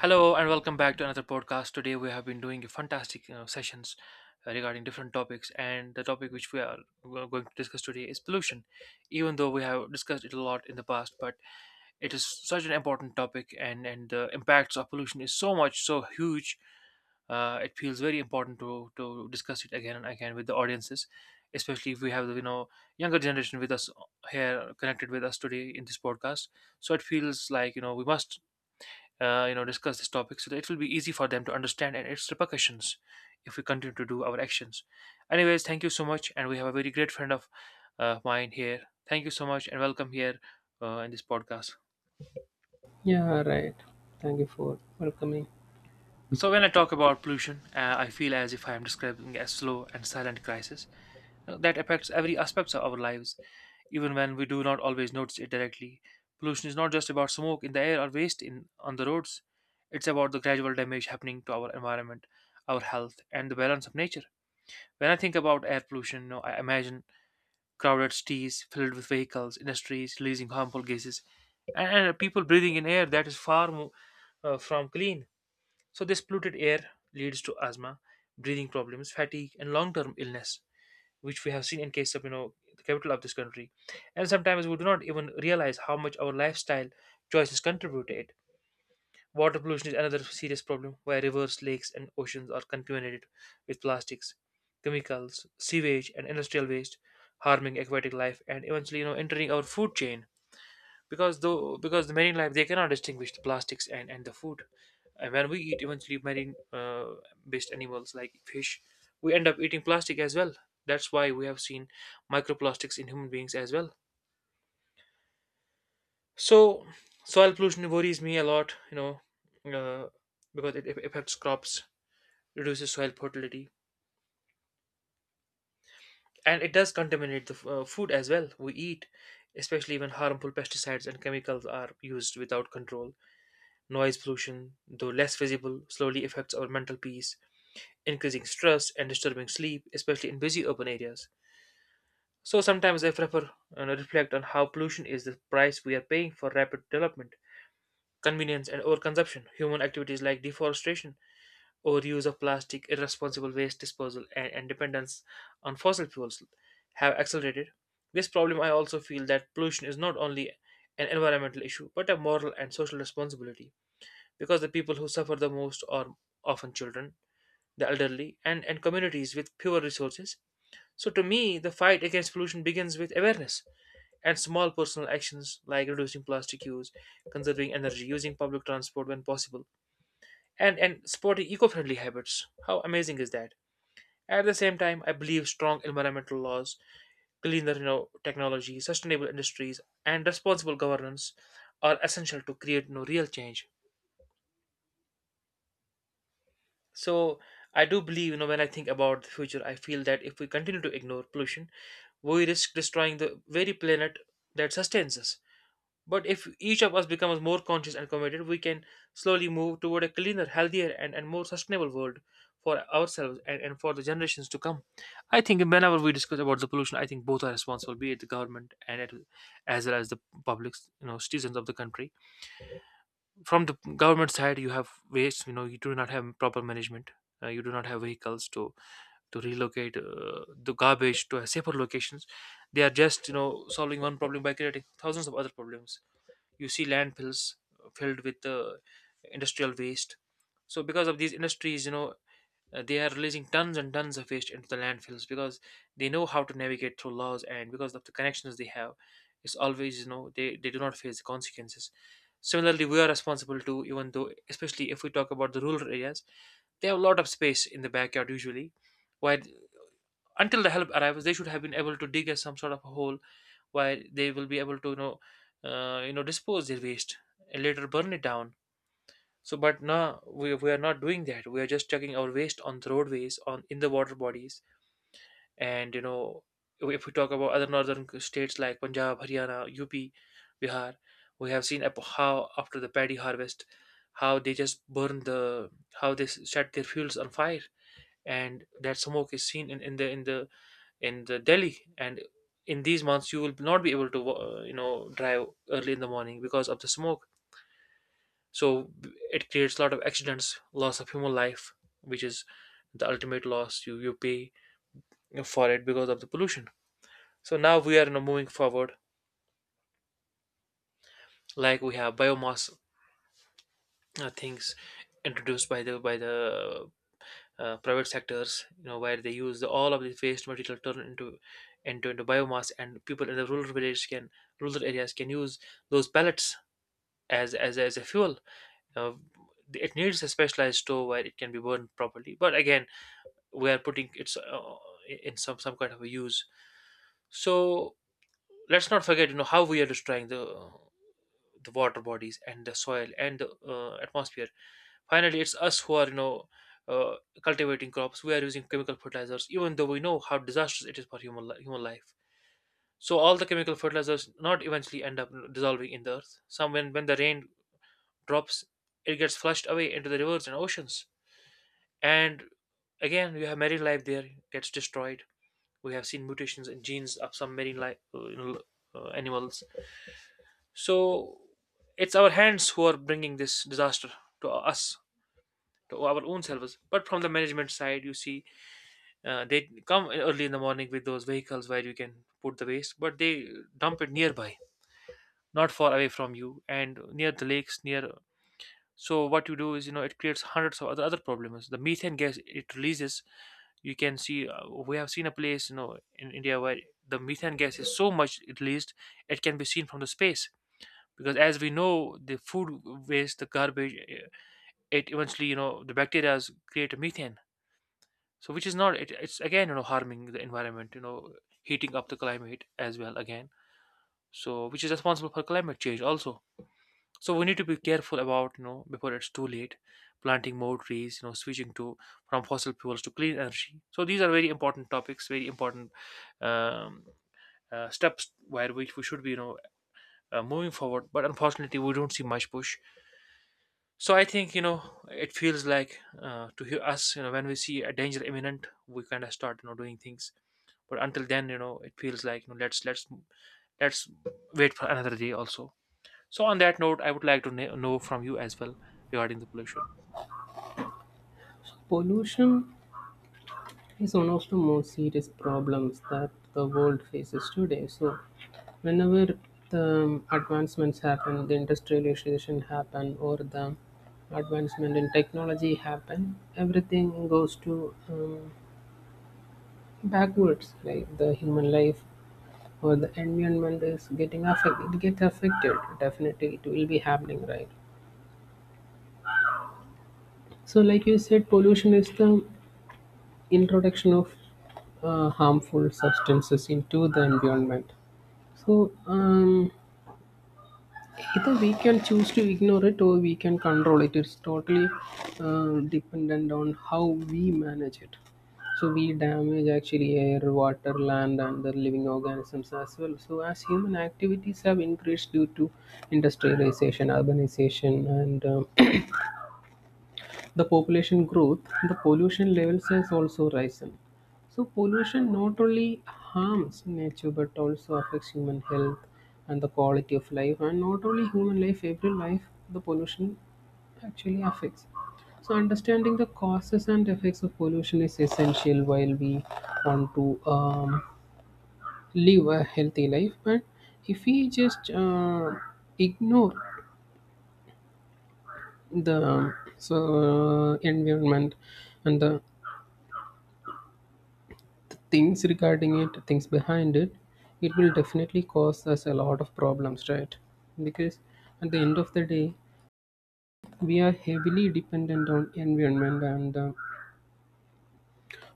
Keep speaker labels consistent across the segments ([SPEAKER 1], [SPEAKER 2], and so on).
[SPEAKER 1] Hello and welcome back to another podcast. Today we have been doing fantastic, sessions regarding different topics, and the topic which we are going to discuss today is pollution. Even though we have discussed it a lot in the past, but it is such an important topic, and the impacts of pollution is so much, so huge. It feels very important to discuss it again and again with the audiences, especially if we have the, younger generation with us, here connected with us today in this podcast. So it feels like, we must, discuss this topic so that it will be easy for them to understand and its repercussions if we continue to do our actions. Anyways, thank you so much, and we have a very great friend of mine here. Thank you so much and welcome here, in this podcast.
[SPEAKER 2] Yeah, right. Thank you for welcoming.
[SPEAKER 1] So when I talk about pollution, I feel as if I am describing a slow and silent crisis that affects every aspect of our lives, even when we do not always notice it directly. Pollution is not just about smoke in the air or waste in on the roads. It's about the gradual damage happening to our environment, our health, and the balance of nature. When I think about air pollution, you know, I imagine crowded cities filled with vehicles, industries releasing harmful gases, and people breathing in air that is far more, from clean. So this polluted air leads to asthma, breathing problems, fatigue, and long-term illness, which we have seen in case of, you know, the capital of this country, and sometimes we do not even realize how much our lifestyle choices contribute to it. Water pollution is another serious problem, where rivers, lakes and oceans are contaminated with plastics, chemicals, sewage and industrial waste, harming aquatic life and eventually, you know, entering our food chain, because though because the marine life, they cannot distinguish the plastics and the food, and when we eat eventually marine, based animals like fish, we end up eating plastic as well. That's why we have seen microplastics in human beings as well. So soil pollution worries me a lot, you know, uh, because it affects crops, reduces soil fertility, and it does contaminate the food as well we eat, especially when harmful pesticides and chemicals are used without control. Noise pollution, though less visible, slowly affects our mental peace, increasing stress and disturbing sleep, especially in busy urban areas. So sometimes I prefer, you know, reflect on how pollution is the price we are paying for rapid development, convenience, and overconsumption. Human activities like deforestation, overuse of plastic, irresponsible waste disposal, and, dependence on fossil fuels have accelerated this problem. I also feel that pollution is not only an environmental issue but a moral and social responsibility, because the people who suffer the most are often children, the elderly, and, communities with fewer resources. So, to me, the fight against pollution begins with awareness and small personal actions like reducing plastic use, conserving energy, using public transport when possible, and, supporting eco friendly habits. How amazing is that? At the same time, I believe strong environmental laws, cleaner, you know, technology, sustainable industries, and responsible governance are essential to create no real change. So I do believe, you know, when I think about the future, I feel that if we continue to ignore pollution, we risk destroying the very planet that sustains us. But if each of us becomes more conscious and committed, we can slowly move toward a cleaner, healthier, and, more sustainable world for ourselves and, for the generations to come. I think whenever we discuss about the pollution, I think both are responsible, be it the government and it, as well as the public, you know, citizens of the country. From the government side, you have waste, you know, you do not have proper management, you do not have vehicles to relocate, the garbage to safer locations. They are just, you know, solving one problem by creating thousands of other problems. You see landfills filled with, industrial waste. So because of these industries, you know, they are releasing tons and tons of waste into the landfills, because they know how to navigate through laws, and because of the connections they have, it's always, you know, they do not face the consequences. Similarly, we are responsible too. Even though, especially if we talk about the rural areas, they have a lot of space in the backyard usually. While until the help arrives, they should have been able to dig us some sort of a hole where they will be able to, you know, dispose their waste and later burn it down. So, but now we are not doing that. We are just chucking our waste on the roadways, on in the water bodies, and, you know, if we talk about other northern states like Punjab, Haryana, UP, Bihar, we have seen how after the paddy harvest, how they just burn the, how they set their fuels on fire, and that smoke is seen in, in the Delhi. And in these months, you will not be able to, you know, drive early in the morning because of the smoke. So it creates a lot of accidents, loss of human life, which is the ultimate loss you pay for it because of the pollution. So now we are now moving forward. Like we have biomass, things introduced by the private sectors, you know, where they use the, all of the waste material turn into biomass, and people in the rural areas can use those pellets as a fuel. uh, it needs a specialized stove where it can be burned properly, but again, we are putting it, in some kind of a use. So let's not forget, you know, how we are destroying the water bodies and the soil and the, atmosphere. Finally, it's us who are, you know, uh, cultivating crops. We are using chemical fertilizers even though we know how disastrous it is for human life. So all the chemical fertilizers not eventually end up dissolving in the earth some when, the rain drops, it gets flushed away into the rivers and oceans, and again you have marine life there gets destroyed. We have seen mutations in genes of some marine life, animals. So it's our hands who are bringing this disaster to us, to our own selves. But from the management side, you see, they come early in the morning with those vehicles where you can put the waste, but they dump it nearby, not far away from you, and near the lakes, near. So what you do is, you know, it creates hundreds of other problems. The methane gas it releases, you can see, we have seen a place, you know, in India where the methane gas is so much released, it can be seen from the space, because as we know the food waste, the garbage, it eventually, you know, the bacteria create a methane. So which is not it, it's again, you know, harming the environment, you know, heating up the climate as well again. So which is responsible for climate change also. So we need to be careful about, you know, before it's too late, planting more trees, you know, switching to from fossil fuels to clean energy. So these are very important topics, very important, um, steps where which we should be, you know, moving forward, but unfortunately we don't see much push. So I think, you know, it feels like, to hear us, you know, when we see a danger imminent, we kind of start, you know, doing things, but until then, you know, it feels like, you know, let's wait for another day also. So on that note, I would like to know from you as well regarding the pollution.
[SPEAKER 2] Pollution is one of the most serious problems that the world faces today. So, whenever the advancements happen, the industrialization happen, or the advancement in technology happen, everything goes to backwards. Like the human life or the environment is getting affected. It gets affected. Definitely, it will be happening, right? So, like you said, pollution is the introduction of harmful substances into the environment. So um, Either we can choose to ignore it or we can control it. It's totally dependent on how we manage it. So we damage actually air, water, land, and the living organisms as well. So as human activities have increased due to industrialization, urbanization, and the population growth, the pollution levels has also risen. So pollution not only harms nature but also affects human health and the quality of life and not only human life, every life the pollution actually affects. So understanding the causes and effects of pollution is essential while we want to live a healthy life. But if we just ignore the environment and the things regarding it, things behind it, it will definitely cause us a lot of problems, right? Because at the end of the day we are heavily dependent on environment and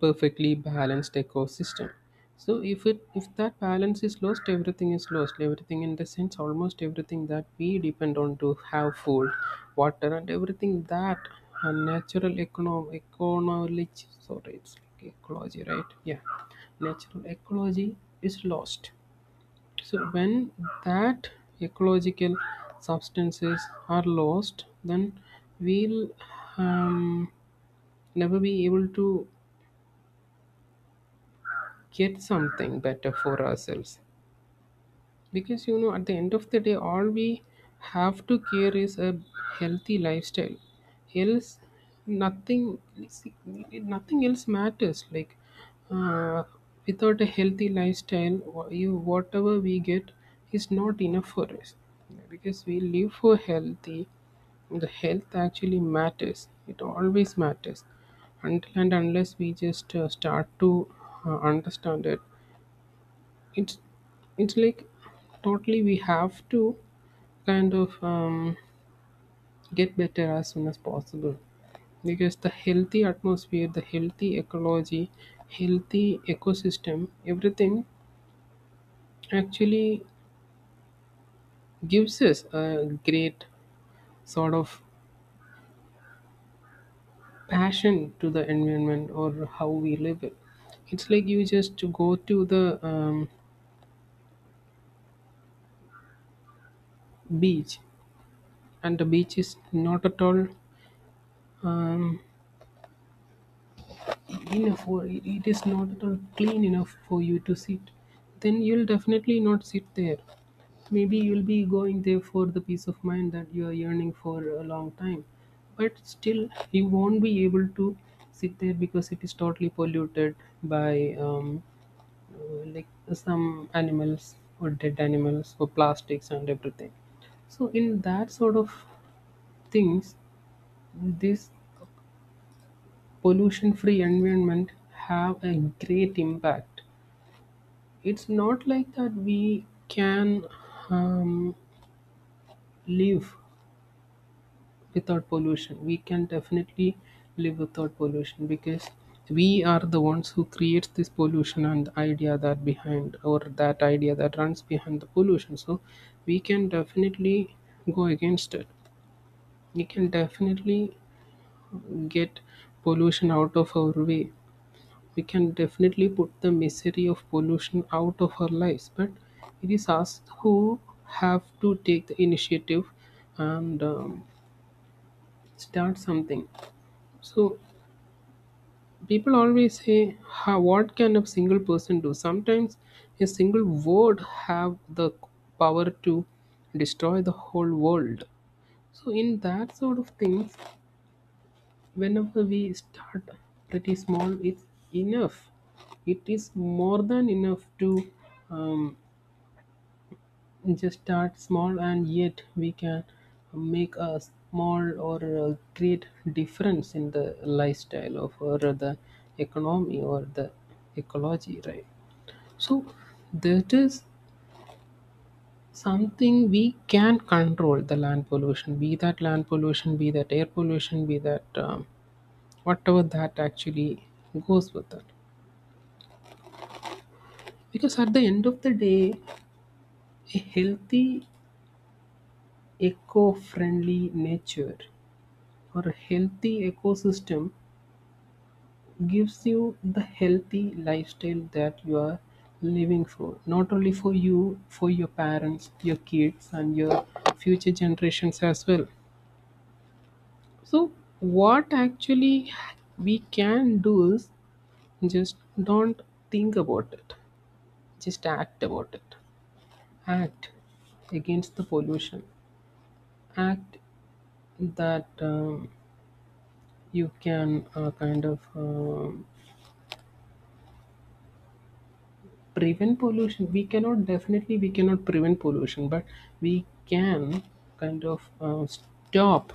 [SPEAKER 2] perfectly balanced ecosystem. So if that balance is lost. Everything in the sense, almost everything that we depend on to have food, water, and everything that a natural economic sorry, it's like ecology, right? Yeah, natural ecology is lost. So when that ecological substances are lost, then we'll um, never be able to get something better for ourselves, because you know at the end of the day all we have to care is a healthy lifestyle, else nothing, nothing else matters, like uh, without a healthy lifestyle you whatever we get is not enough for us because we live for healthy, the health actually matters, it always matters, until and unless we just start to understand it. It's it's like totally we have to kind of get better as soon as possible, because the healthy atmosphere, the healthy ecology, healthy ecosystem, everything actually gives us a great sort of passion to the environment, or how we live it. It's like you just go to the beach and the beach is not at all um, enough, or it is not at all clean enough for you to sit, then you'll definitely not sit there. Maybe you'll be going there for the peace of mind that you are yearning for a long time, but still you won't be able to sit there because it is totally polluted by like some animals or dead animals or plastics and everything. So in that sort of things, this pollution-free environment have a great impact. It's not like that we can um, live without pollution. We can definitely live without pollution because we are the ones who creates this pollution and the idea that behind, or that idea that runs behind the pollution. So we can definitely go against it. We can definitely get pollution out of our way, we can definitely put the misery of pollution out of our lives, but it is us who have to take the initiative and start something. So people always say how, what can a single person do. Sometimes a single word have the power to destroy the whole world. So in that sort of things, whenever we start pretty small, it's enough. It is more than enough to um, just start small, and yet we can make a small or a great difference in the lifestyle of, or the economy, or the ecology, right? So that is something we can control, the land pollution, be that land pollution, be that air pollution, be that whatever that actually goes with that. Because at the end of the day, a healthy, eco friendly nature or a healthy ecosystem gives you the healthy lifestyle that you are living for. Not only for you, for your parents, your kids, and your future generations as well. So, what actually we can do is just don't think about it, just act about it. Act against the pollution, act that you can kind of prevent pollution, we cannot, definitely we cannot prevent pollution, but we can kind of stop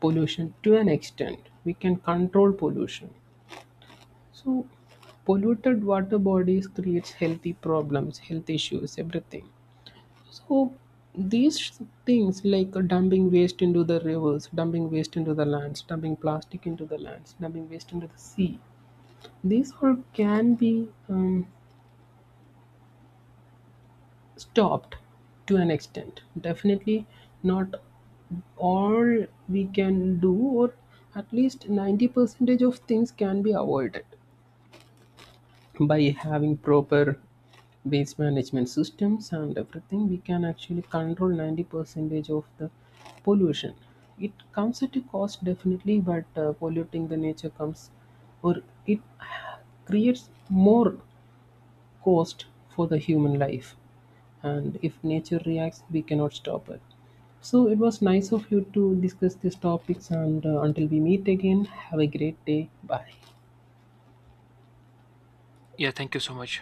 [SPEAKER 2] pollution to an extent, we can control pollution. So polluted water bodies creates healthy problems, health issues, everything. So these things like dumping waste into the rivers, dumping waste into the lands, dumping plastic into the lands, dumping waste into the sea, these all can be stopped to an extent. Definitely not all we can do, or at least 90 percentage of things can be avoided by having proper waste management systems and everything. We can actually control 90 percentage of the pollution. It comes at a cost, definitely, but polluting the nature comes, or it creates more cost for the human life. And if nature reacts, we cannot stop it. So it was nice of you to discuss these topics. And until we meet again, have a great day. Bye.
[SPEAKER 1] Yeah, thank you so much.